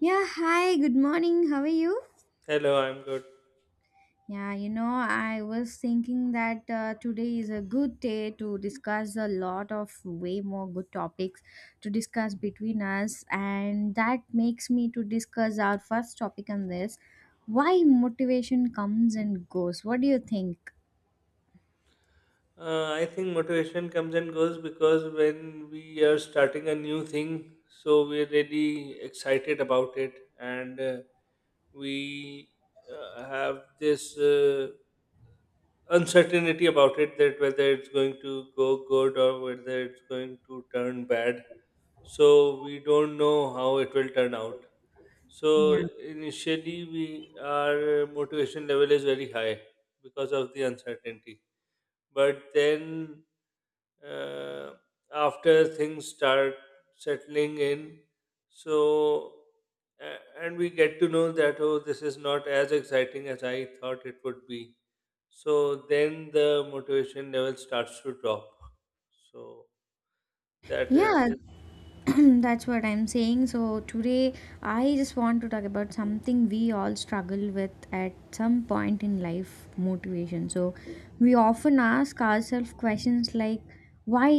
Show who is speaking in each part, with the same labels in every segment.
Speaker 1: Yeah, hi, good morning. How are you?
Speaker 2: Hello, I'm good.
Speaker 1: Yeah, I was thinking that today is a good day to discuss a lot of way more good topics to discuss between us, and that makes me to discuss our first topic on this: why motivation comes and goes. What do you think?
Speaker 2: I think motivation comes and goes because when we are starting a new thing, so we're really excited about it, and we have this uncertainty about it, that whether it's going to go good or whether it's going to turn bad. So we don't know how it will turn out.
Speaker 1: Yeah.
Speaker 2: So initially, we our motivation level is very high because of the uncertainty, but then, uh, after things start settling in, so and we get to know that, oh, this is not as exciting as I thought it would be. So then the motivation level starts to drop. So
Speaker 1: Yeah,
Speaker 2: that is
Speaker 1: yeah, yeah. That's what I'm saying, so today I just want to talk about something we all struggle with at some point in life: motivation. So we often ask ourselves questions like, why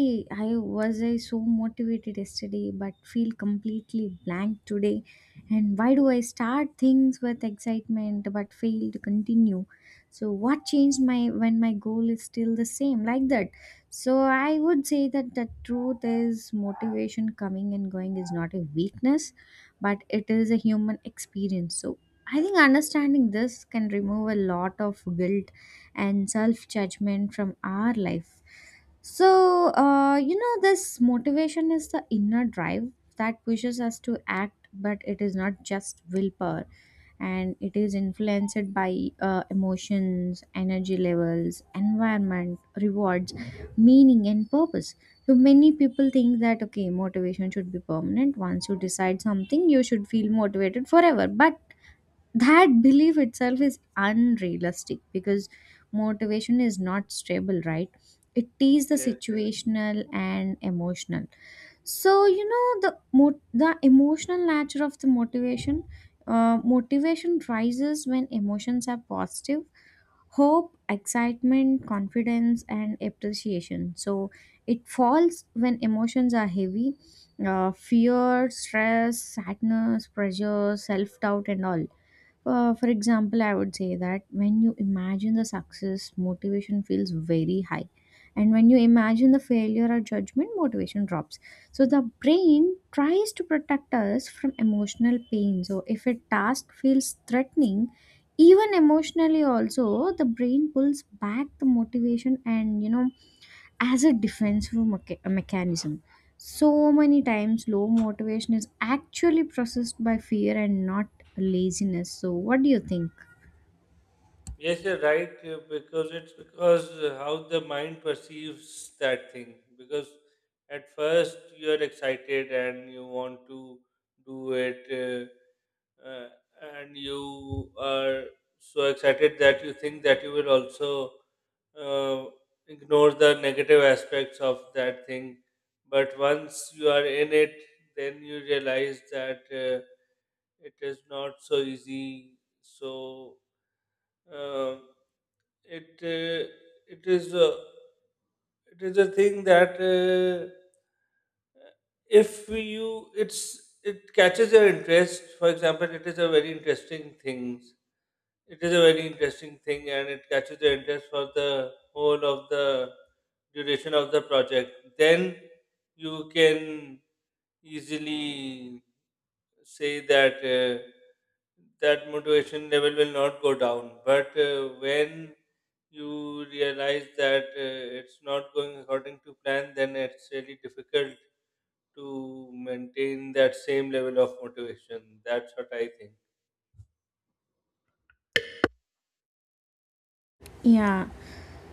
Speaker 1: I was I so motivated yesterday but feel completely blank today, and why do I start things with excitement but fail to continue? So what changed my, when my goal is still the same, like that. So I would say that the truth is motivation coming and going is not a weakness, but it is a human experience. So I think understanding this can remove a lot of guilt and self judgment from our life. So, this motivation is the inner drive that pushes us to act, but it is not just willpower, and it is influenced by emotions, energy levels, environment, rewards, meaning and purpose. So many people think that okay, motivation should be permanent. Once you decide something, you should feel motivated forever, but that belief itself is unrealistic because motivation is not stable, right? It is the
Speaker 2: Yes,
Speaker 1: situational and emotional. So, you know, the emotional nature of the motivation. Motivation rises when emotions are positive: hope, excitement, confidence, and appreciation. So it falls when emotions are heavy: fear, stress, sadness, pressure, self doubt, and all. For example, I would say that when you imagine the success, motivation feels very high. And when you imagine the failure or judgment, motivation drops. So the brain tries to protect us from emotional pain. So if a task feels threatening, even emotionally also, the brain pulls back the motivation, and you know, as a defensive mechanism. So many times, low motivation is actually processed by fear and not laziness. So, what do you think?
Speaker 2: yes, you're right, because it's because how the mind perceives that thing. Because at first you're excited and you want to do it, uh, and you are so excited that you think that you will also uh, ignore the negative aspects of that thing. But once you are in it, then you realize that it is not so easy. So, uh, it uh, it is a, it is a thing that, if you, it's, it catches your interest. For example, it is a very interesting thing, and it catches the interest for the whole of the duration of the project. Then you can easily say that, that motivation level will not go down. But when you realize that it's not going according to plan, then it's really difficult to maintain that same level of motivation. That's what I think.
Speaker 1: Yeah.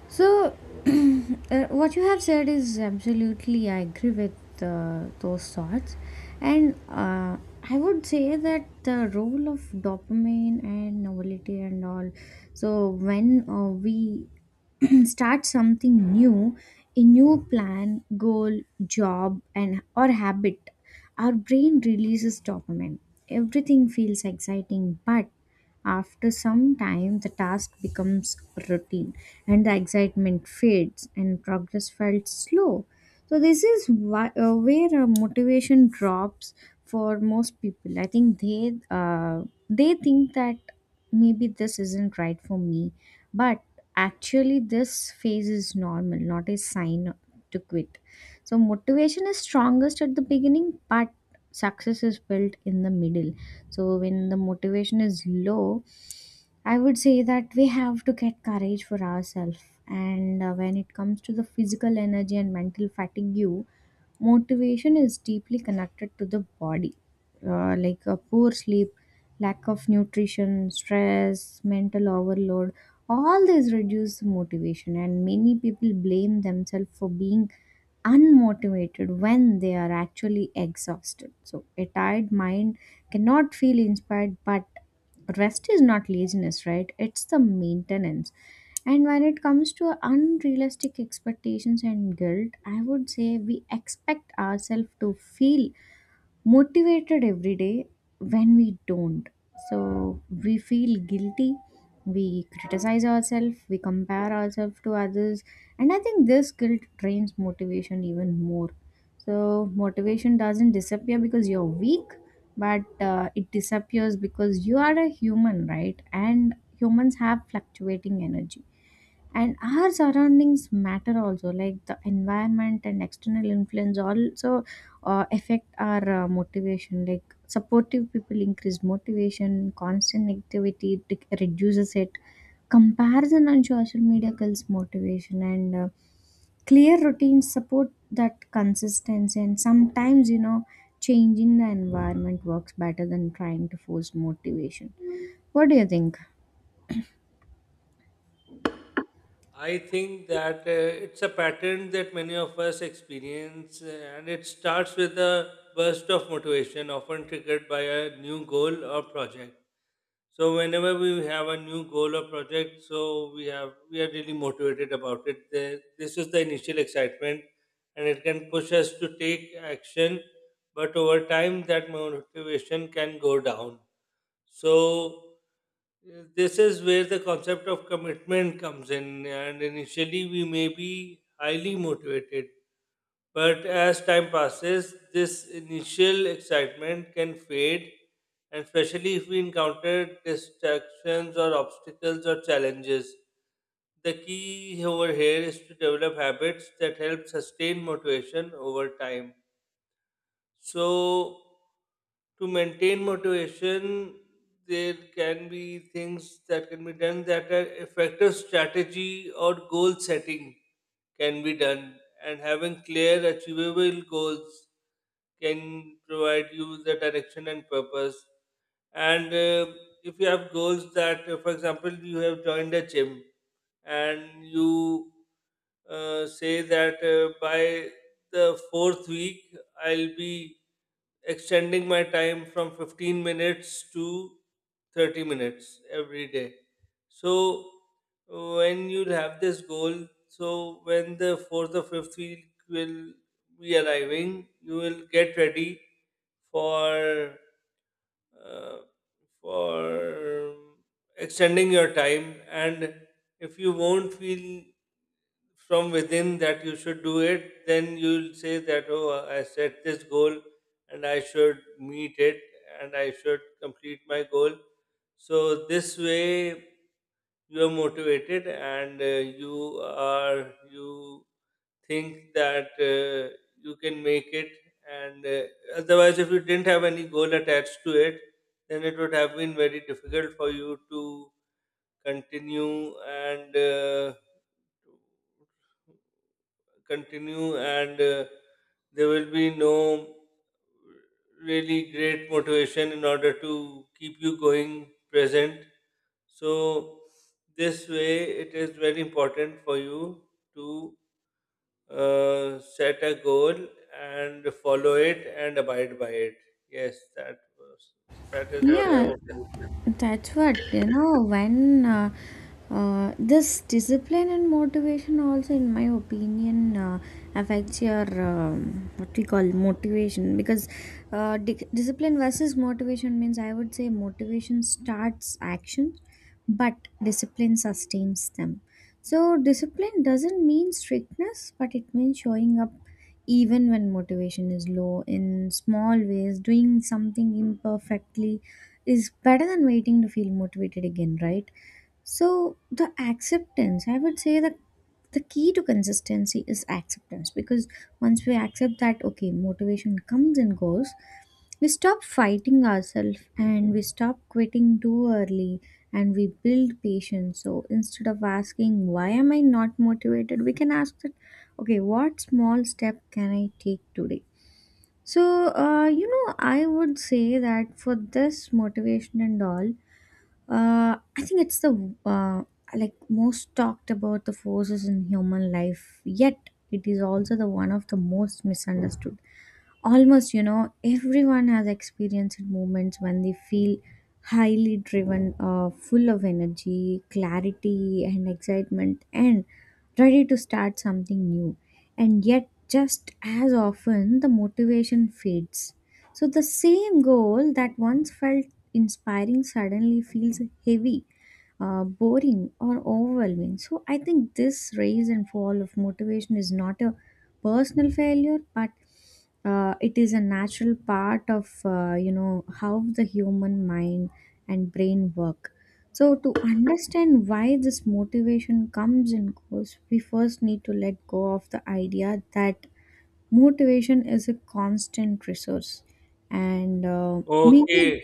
Speaker 1: So, what you have said is absolutely, I agree with those thoughts. And I would say that the role of dopamine and novelty and all. So, when we start something new, a new plan, goal, job, and or habit, our brain releases dopamine. Everything feels exciting, but after some time, the task becomes routine and the excitement fades and progress felt slow. So, this is why, where motivation drops for most people. I think they think that maybe this isn't right for me, but actually, this phase is normal, not a sign to quit. So motivation is strongest at the beginning, but success is built in the middle. So when the motivation is low, I would say that we have to get courage for ourselves. And when it comes to the physical energy and mental fatigue, motivation is deeply connected to the body. Like a poor sleep, lack of nutrition, stress, mental overload, all these reduce the motivation. And many people blame themselves for being unmotivated when they are actually exhausted. So, a tired mind cannot feel inspired, but rest is not laziness, right? It's the maintenance. And when it comes to unrealistic expectations and guilt, I would say we expect ourselves to feel motivated every day, when we don't. So we feel guilty, we criticize ourselves, we compare ourselves to others, and I think this guilt drains motivation even more. So motivation doesn't disappear because you're weak, but it disappears because you are a human, right? And humans have fluctuating energy, and our surroundings matter also, like the environment and external influence also affect our motivation. Like supportive people increase motivation, constant activity reduces it, comparison on social media kills motivation, and clear routines support that consistency. And sometimes, you know, changing the environment works better than trying to force motivation. What do you think?
Speaker 2: I think that it's a pattern that many of us experience, and it starts with a burst of motivation, often triggered by a new goal or project. So whenever we have a new goal or project, so we are really motivated about it. This is the initial excitement, and it can push us to take action. But over time, that motivation can go down. So, this is where the concept of commitment comes in, and initially we may be highly motivated, but as time passes, this initial excitement can fade, and especially if we encounter distractions or obstacles or challenges. The key over here is to develop habits that help sustain motivation over time. So, to maintain motivation, there can be things that can be done, that are effective strategy or goal setting can be done, and having clear, achievable goals can provide you the direction and purpose. And if you have goals that, for example, you have joined a gym, and you say that, by the fourth week, I'll be extending my time from 15 minutes to 30 minutes every day. So when you'll have this goal, so when the fourth or fifth week will be arriving, you will get ready for, uh, for extending your time. And if you won't feel from within that you should do it, then you'll say that, oh, I set this goal and I should meet it, and I should complete my goal. So this way you are motivated, and you think that you can make it. And otherwise, if you didn't have any goal attached to it, then it would have been very difficult for you to continue and uh, continue. And there will be no really great motivation in order to keep you going present. So this way, it is very important for you to set a goal and follow it and abide by it. Yes, that was that is what I
Speaker 1: Yeah.
Speaker 2: would say.
Speaker 1: That's what, you know, when this discipline and motivation also, in my opinion, affects your what we call motivation, because discipline versus motivation means, I would say, motivation starts actions, but discipline sustains them. So, discipline doesn't mean strictness, but it means showing up even when motivation is low. In small ways, doing something imperfectly is better than waiting to feel motivated again, right? So the acceptance, I would say that the key to consistency is acceptance, because once we accept that okay, motivation comes and goes, we stop fighting ourselves and we stop quitting too early, and we build patience. So instead of asking why am I not motivated, we can ask that okay, what small step can I take today? So, I would say that for this motivation and all, I think it's the like most talked about the forces in human life, yet it is also the one of the most misunderstood. Almost, you know, everyone has experienced moments when they feel highly driven, full of energy, clarity, and excitement, and ready to start something new. And yet, just as often, the motivation fades. So, the same goal that once felt inspiring suddenly feels heavy, boring or overwhelming. So I think this rise and fall of motivation is not a personal failure, but it is a natural part of, you know, how the human mind and brain work. So to understand why this motivation comes and goes, we first need to let go of the idea that motivation is a constant resource, and maybe.
Speaker 2: Okay,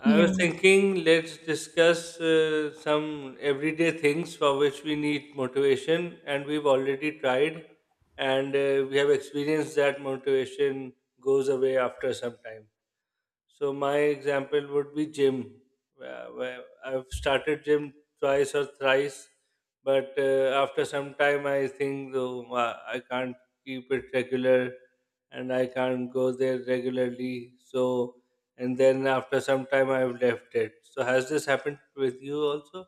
Speaker 2: I
Speaker 1: Yeah.
Speaker 2: was thinking, let's discuss some everyday things for which we need motivation, and we've already tried, and we have experienced that motivation goes away after some time. So my example would be gym, where I've started gym twice or thrice, but after some time I think, oh, I can't keep it regular, and I can't go there regularly. So, and then after some time I've left it. So has this happened with you also?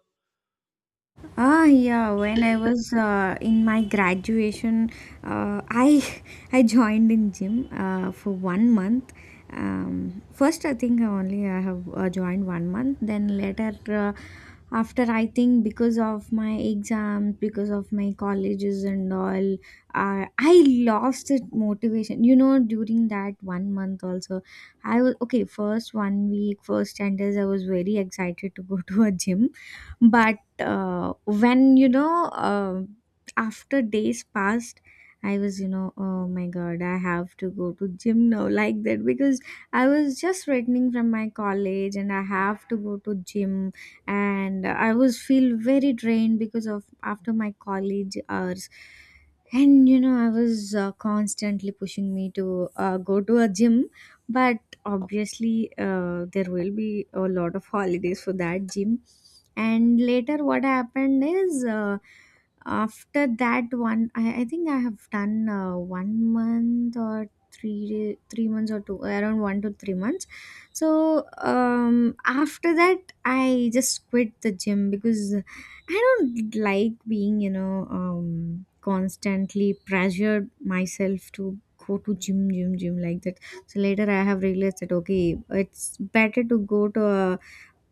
Speaker 1: Ah, yeah. When I was in my graduation, I I joined in gym for one month. First, I think only I have joined one month. Then later, after I think because of my exams, because of my colleges and all, I lost that motivation. You know, during that one month also, I was okay. First one week, first 10 days, I was very excited to go to a gym, but when you know, after days passed, I was, you know, oh my god, I have to go to gym now, like that, because I was just returning from my college and I have to go to gym. And I was feel very drained because of after my college hours. And you know, I was constantly pushing me to go to a gym. But obviously there will be a lot of holidays for that gym. And later what happened is, after that one, I think I have done one month or three months or two, around one to three months. So um, after that I just quit the gym, because I don't like being, you know, um, constantly pressured myself to go to gym gym gym like that. So later I have realized that okay, it's better to go to a,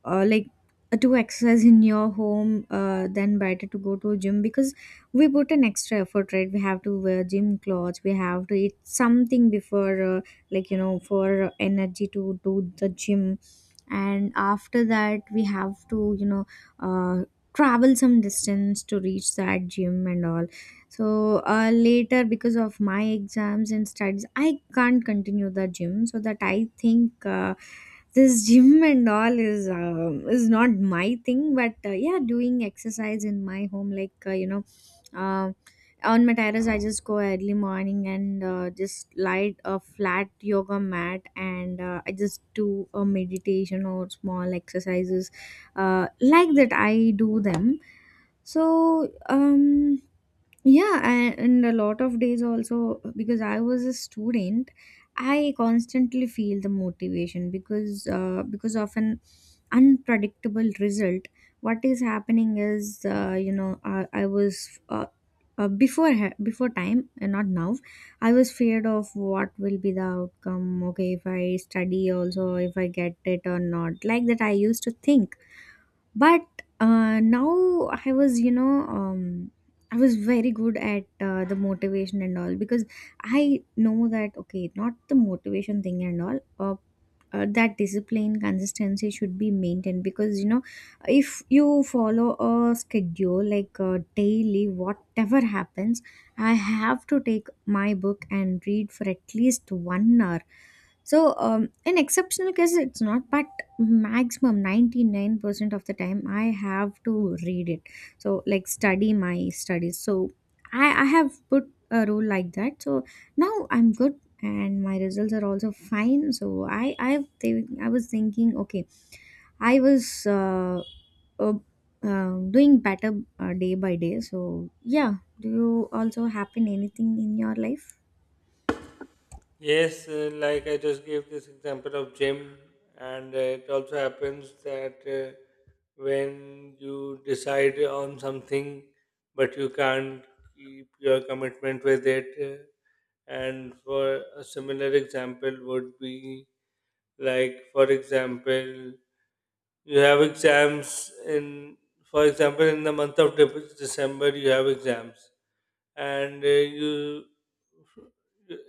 Speaker 1: uh, like to exercise in your home, then better to go to a gym, because we put an extra effort, right? We have to wear gym clothes, we have to eat something before, like you know, for energy to do the gym. And after that we have to, you know, uh, travel some distance to reach that gym and all. So later because of my exams and studies, I can't continue the gym. So that I think this gym and all is not my thing. But yeah, doing exercise in my home, like you know uh, on my terrace, I just go early morning and just light a flat yoga mat, and I just do a meditation or small exercises, like that I do them. So um, yeah, and a lot of days also, because I was a student, I constantly feel the motivation because of an unpredictable result. What is happening is, you know, I was before time and not now. I was feared of what will be the outcome. Okay, if I study also, if I get it or not, like that, I used to think. But now I was, you know, I was very good at the motivation and all, because I know that okay, not the motivation thing and all, that discipline consistency should be maintained, because you know, if you follow a schedule like daily, whatever happens, I have to take my book and read for at least one hour. So, in exceptional cases, it's not, but maximum 99% of the time, I have to read it. So, like, study my studies. So, I have put a rule like that. So, now I'm good and my results are also fine. So, think I was thinking, okay, I was uh, doing better day by day. So, yeah, do you also happen anything in your life?
Speaker 2: Yes, like I just gave this example of gym, and it also happens that, when you decide on something but you can't keep your commitment with it, and for a similar example would be, like, for example, you have exams in, for example, in the month of December, you have exams, and you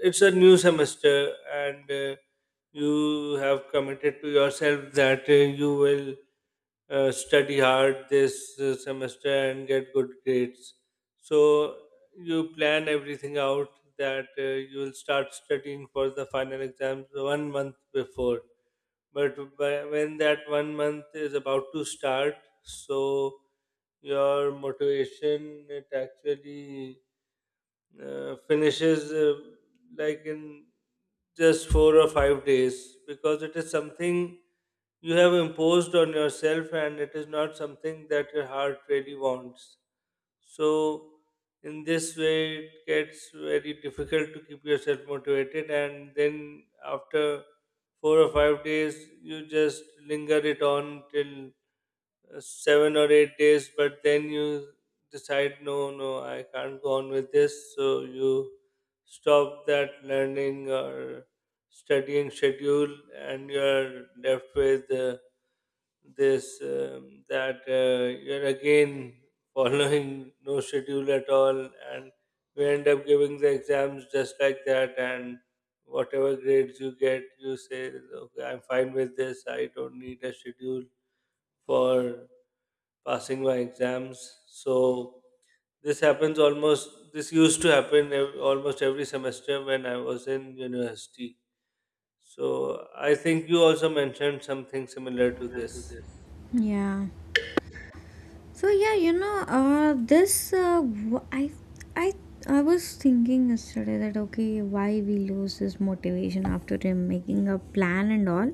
Speaker 2: it's a new semester, and you have committed to yourself that, you will study hard this semester and get good grades. So you plan everything out, that, you will start studying for the final exams 1 month before. But when that 1 month is about to start, so your motivation, it actually finishes, like in just 4 or 5 days, because it is something you have imposed on yourself and it is not something that your heart really wants. So, in this way, it gets very difficult to keep yourself motivated, and then after 4 or 5 days, you just linger it on till 7 or 8 days, but then you decide, no, no, I can't go on with this. So you stop that learning or studying schedule, and you're left with this that you're again following no schedule at all, and you end up giving the exams just like that, and whatever grades you get, you say, okay, I'm fine with this. I don't need a schedule for passing my exams. So this happens almost, this used to happen almost every semester when I was in university. So I think you also mentioned something similar to this.
Speaker 1: Yeah. So yeah, this wh- I I was thinking yesterday that okay, why we lose this motivation after him making a plan and all.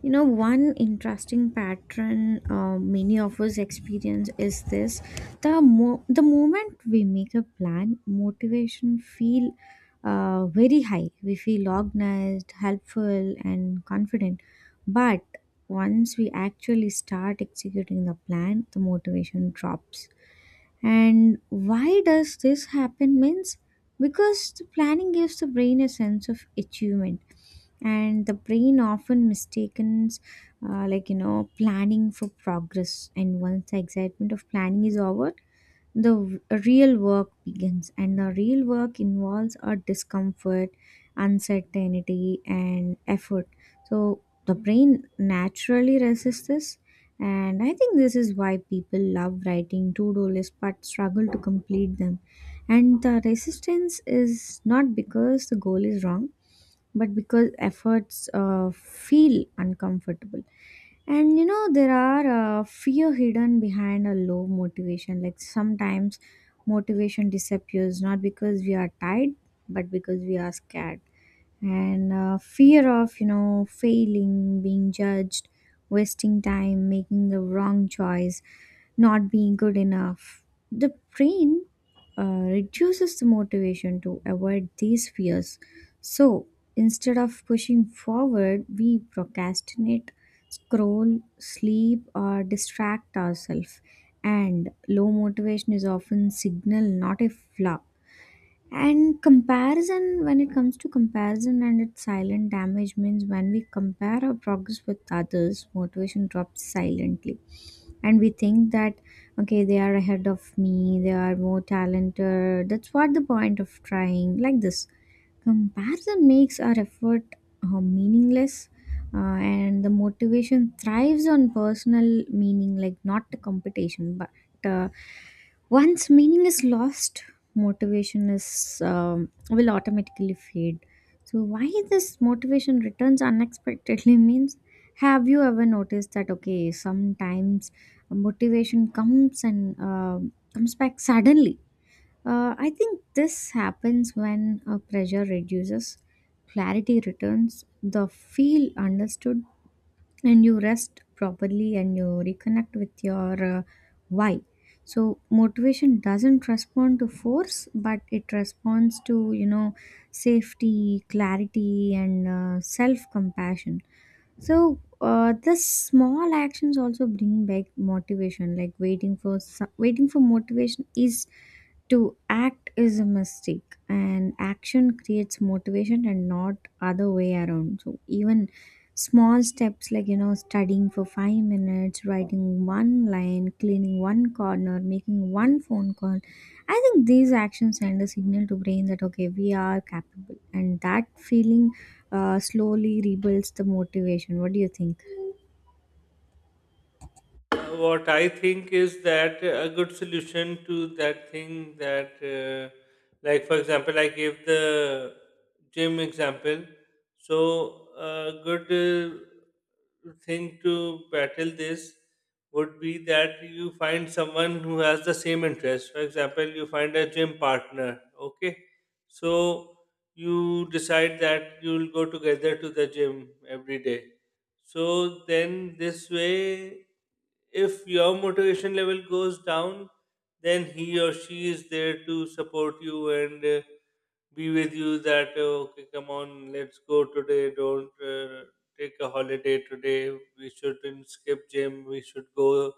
Speaker 1: You know, one interesting pattern many of us experience is this: The moment we make a plan, motivation feel very high. We feel organized, helpful, and confident. But once we actually start executing the plan, the motivation drops. And why does this happen means because the planning gives the brain a sense of achievement, and the brain often mistakes like you know planning for progress. And once the excitement of planning is over, the w- real work begins, and the real work involves a discomfort, uncertainty, and effort. So the brain naturally resists this, and I think this is why people love writing to-do lists but struggle to complete them. And the resistance is not because the goal is wrong, but because efforts feel uncomfortable. And you know, there are fear hidden behind a low motivation. Like sometimes motivation disappears not because we are tired, but because we are scared. And fear of you know failing, being judged, wasting time, making the wrong choice, not being good enough. The brain reduces the motivation to avoid these fears. So instead of pushing forward, we procrastinate, scroll, sleep, or distract ourselves. And low motivation is often signal, not a flaw. And comparison, when it comes to comparison and its silent damage, means when we compare our progress with others, motivation drops silently. And we think that, okay, they are ahead of me, they are more talented. That's what the point of trying, like this. Comparison makes our effort meaningless, and the motivation thrives on personal meaning, like not the competition. But once meaning is lost, motivation is will automatically fade. So why this motivation returns unexpectedly means have you ever noticed that okay sometimes motivation comes and comes back suddenly. I think this happens when pressure reduces, clarity returns, the feel understood, and you rest properly and you reconnect with your why. So motivation doesn't respond to force, but it responds to you know safety, clarity, and self compassion. So the small actions also bring back motivation. Like waiting for motivation is to act is a mistake, and action creates motivation and not other way around. So even small steps like you know studying for 5 minutes, writing one line, cleaning one corner, making one phone call, I think these actions send a signal to brain that okay we are capable, and that feeling slowly rebuilds the motivation. What do you think?
Speaker 2: What I think is that a good solution to that thing that, like for example, I gave the gym example. So a good thing to battle this would be that you find someone who has the same interest. For example, you find a gym partner. Okay, so you decide that you'll go together to the gym every day. So then this way, if your motivation level goes down, then he or she is there to support you and be with you. That, okay, come on, let's go today. Don't take a holiday today. We shouldn't skip gym. We should go.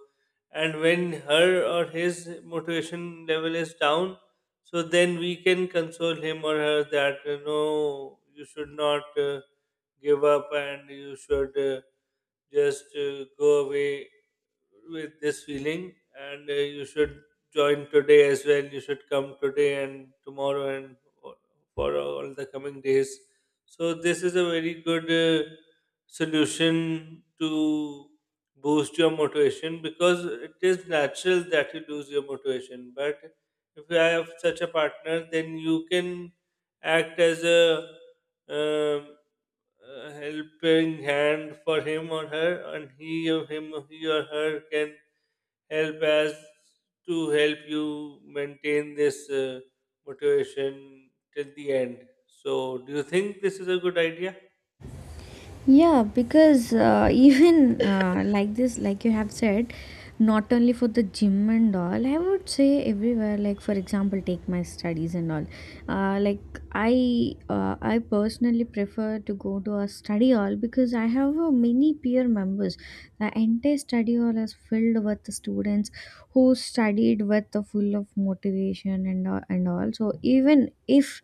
Speaker 2: And when her or his motivation level is down, so then we can console him or her that, no, you should not give up, and you should just go away with this feeling. And you should join today as well, you should come today and tomorrow, and o- for all the coming days. So this is a very good solution to boost your motivation, because it is natural that you lose your motivation, but if you have such a partner, then you can act as um, a helping hand for him or her, and he or her can help as to help you maintain this motivation till the end. So, do you think this is a good idea?
Speaker 1: Yeah, because even like this, like you have said, not only for the gym and all, I would say everywhere. Like for example, take my studies and all. Uh, like I personally prefer to go to a study hall because I have many peer members. The entire study hall is filled with the students who studied with the full of motivation and all and all. So even if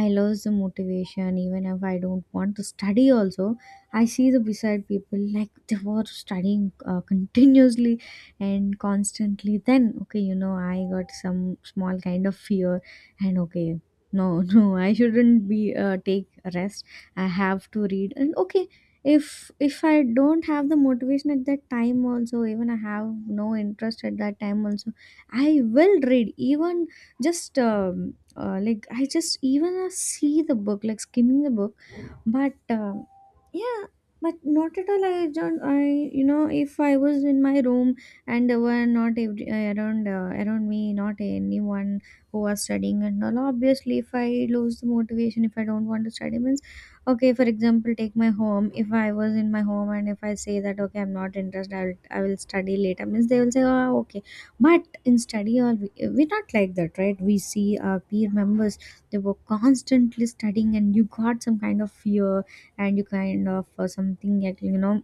Speaker 1: I lose the motivation, even if I don't want to study also, I see the beside people like they were studying continuously and constantly. Then, okay, you know, I got some small kind of fear, and okay, no, no, I shouldn't be take a rest. I have to read, and okay, if I don't have the motivation at that time, also even I have no interest at that time, also I will read. Even just like I just even see the book, like skimming the book, but yeah. But not at all, I don't, I if I was in my room and there were not every, around me not anyone who was studying and all, obviously if I lose the motivation, if I don't want to study means okay. For example, take my home. If I was in my home and if I say that okay I'm not interested I will, I will study later, means they will say oh okay. But in study all we're not like that, right? We see our peer members, they were constantly studying, and you got some kind of fear, and you kind of something like you know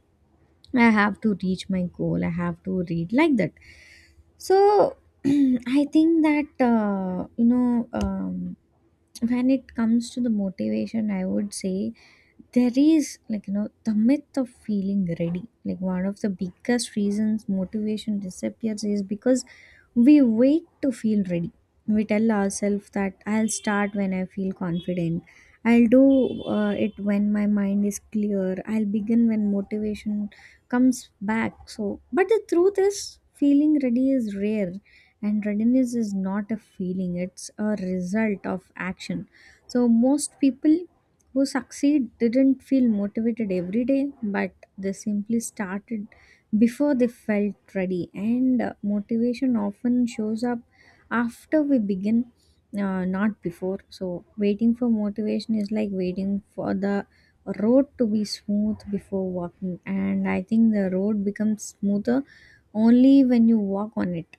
Speaker 1: I have to reach my goal, I have to read, like that. So I think that you know when it comes to the motivation, I would say there is like you know the myth of feeling ready. Like one of the biggest reasons motivation disappears is because we wait to feel ready. We tell ourselves that I'll start when I feel confident, I'll do it when my mind is clear, I'll begin when motivation comes back. So but the truth is feeling ready is rare, and readiness is not a feeling, it's a result of action. So most people who succeed didn't feel motivated every day, but they simply started before they felt ready. And motivation often shows up after we begin, not before. So waiting for motivation is like waiting for the road to be smooth before walking, and I think the road becomes smoother only when you walk on it.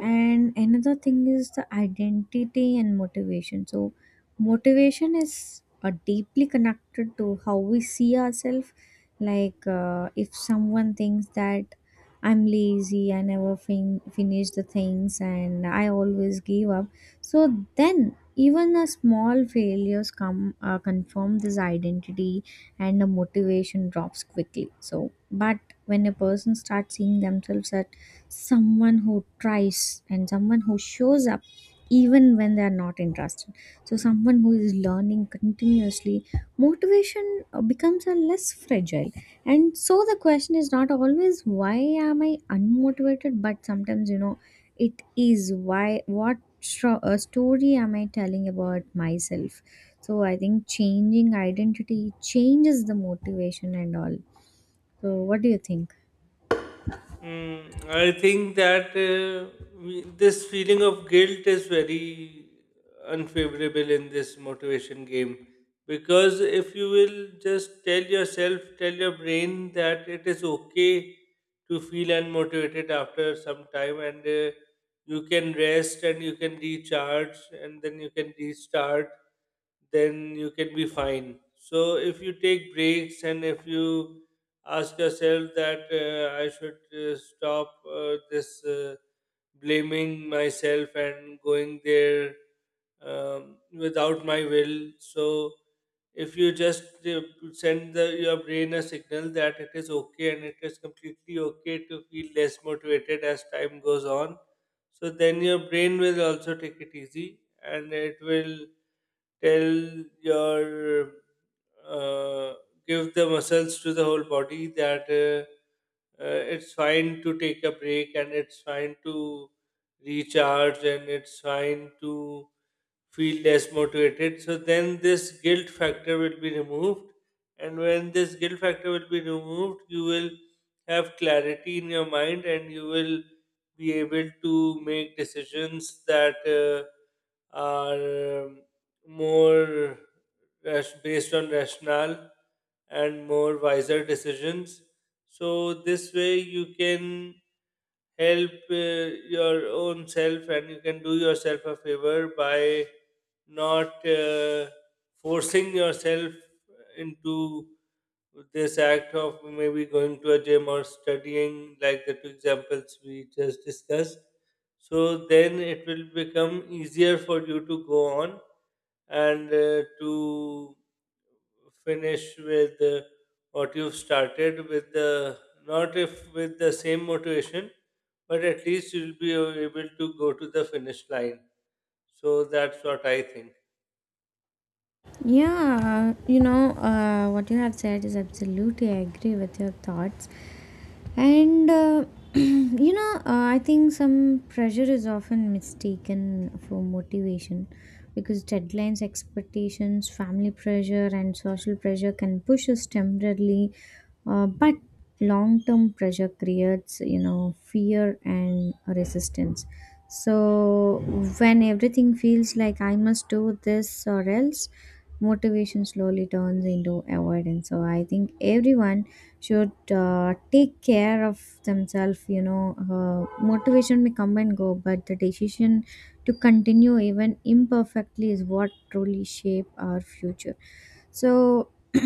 Speaker 1: And another thing is the identity and motivation. So motivation is deeply connected to how we see ourselves. Like if someone thinks that I'm lazy, I never finish the things, and I always give up, so then even a small failures come confirm this identity, and the motivation drops quickly. So but when a person starts seeing themselves as someone who tries and someone who shows up even when they are not interested, so someone who is learning continuously, motivation becomes a less fragile. And so the question is not always why am I unmotivated, but sometimes you know it is why, story am I telling about myself. So I think changing identity changes the motivation and all. So what do you think?
Speaker 2: Mm, I think that, this feeling of guilt is very unfavorable in this motivation game. Because if you will just tell yourself, tell your brain that it is okay to feel unmotivated after some time, and you can rest and you can recharge and then you can restart, then you can be fine. So if you take breaks, and if you ask yourself that, I should stop this blaming myself and going there without my will. So if you just send your brain a signal that it is okay, and it is completely okay to feel less motivated as time goes on, so then your brain will also take it easy, and it will tell your, uh, give the muscles to the whole body that, uh, it's fine to take a break, and it's fine to recharge, and it's fine to feel less motivated. So then this guilt factor will be removed. And when this guilt factor will be removed, you will have clarity in your mind, and you will be able to make decisions that are more based on rationale and more wiser decisions. So this way you can help your own self, and you can do yourself a favor by not forcing yourself into this act of maybe going to a gym or studying, like the two examples we just discussed. So then it will become easier for you to go on and to finish with what you've started, with the, not if with the same motivation, but at least you'll be able to go to the finish line. So that's what I think.
Speaker 1: Yeah, you know, what you have said is absolutely I agree with your thoughts. And you know, I think some pressure is often mistaken for motivation because deadlines, expectations, family pressure, and social pressure can push us temporarily, but long term pressure creates, you know, fear and resistance. So, when everything feels like I must do this or else, motivation slowly turns into avoidance. So, I think everyone should take care of themselves, you know, motivation may come and go, but the decision to continue even imperfectly is what truly shape our future. So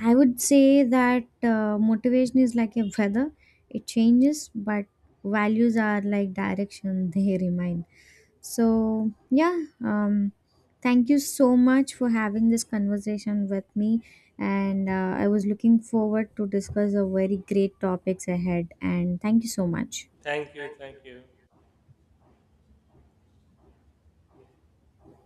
Speaker 1: I would say that motivation is like a weather, it changes, but values are like direction, they remain. So yeah. um Thank you so much for having this conversation with me, and I was looking forward to discuss a very great topics ahead, and thank you so much.
Speaker 2: Thank you, thank you.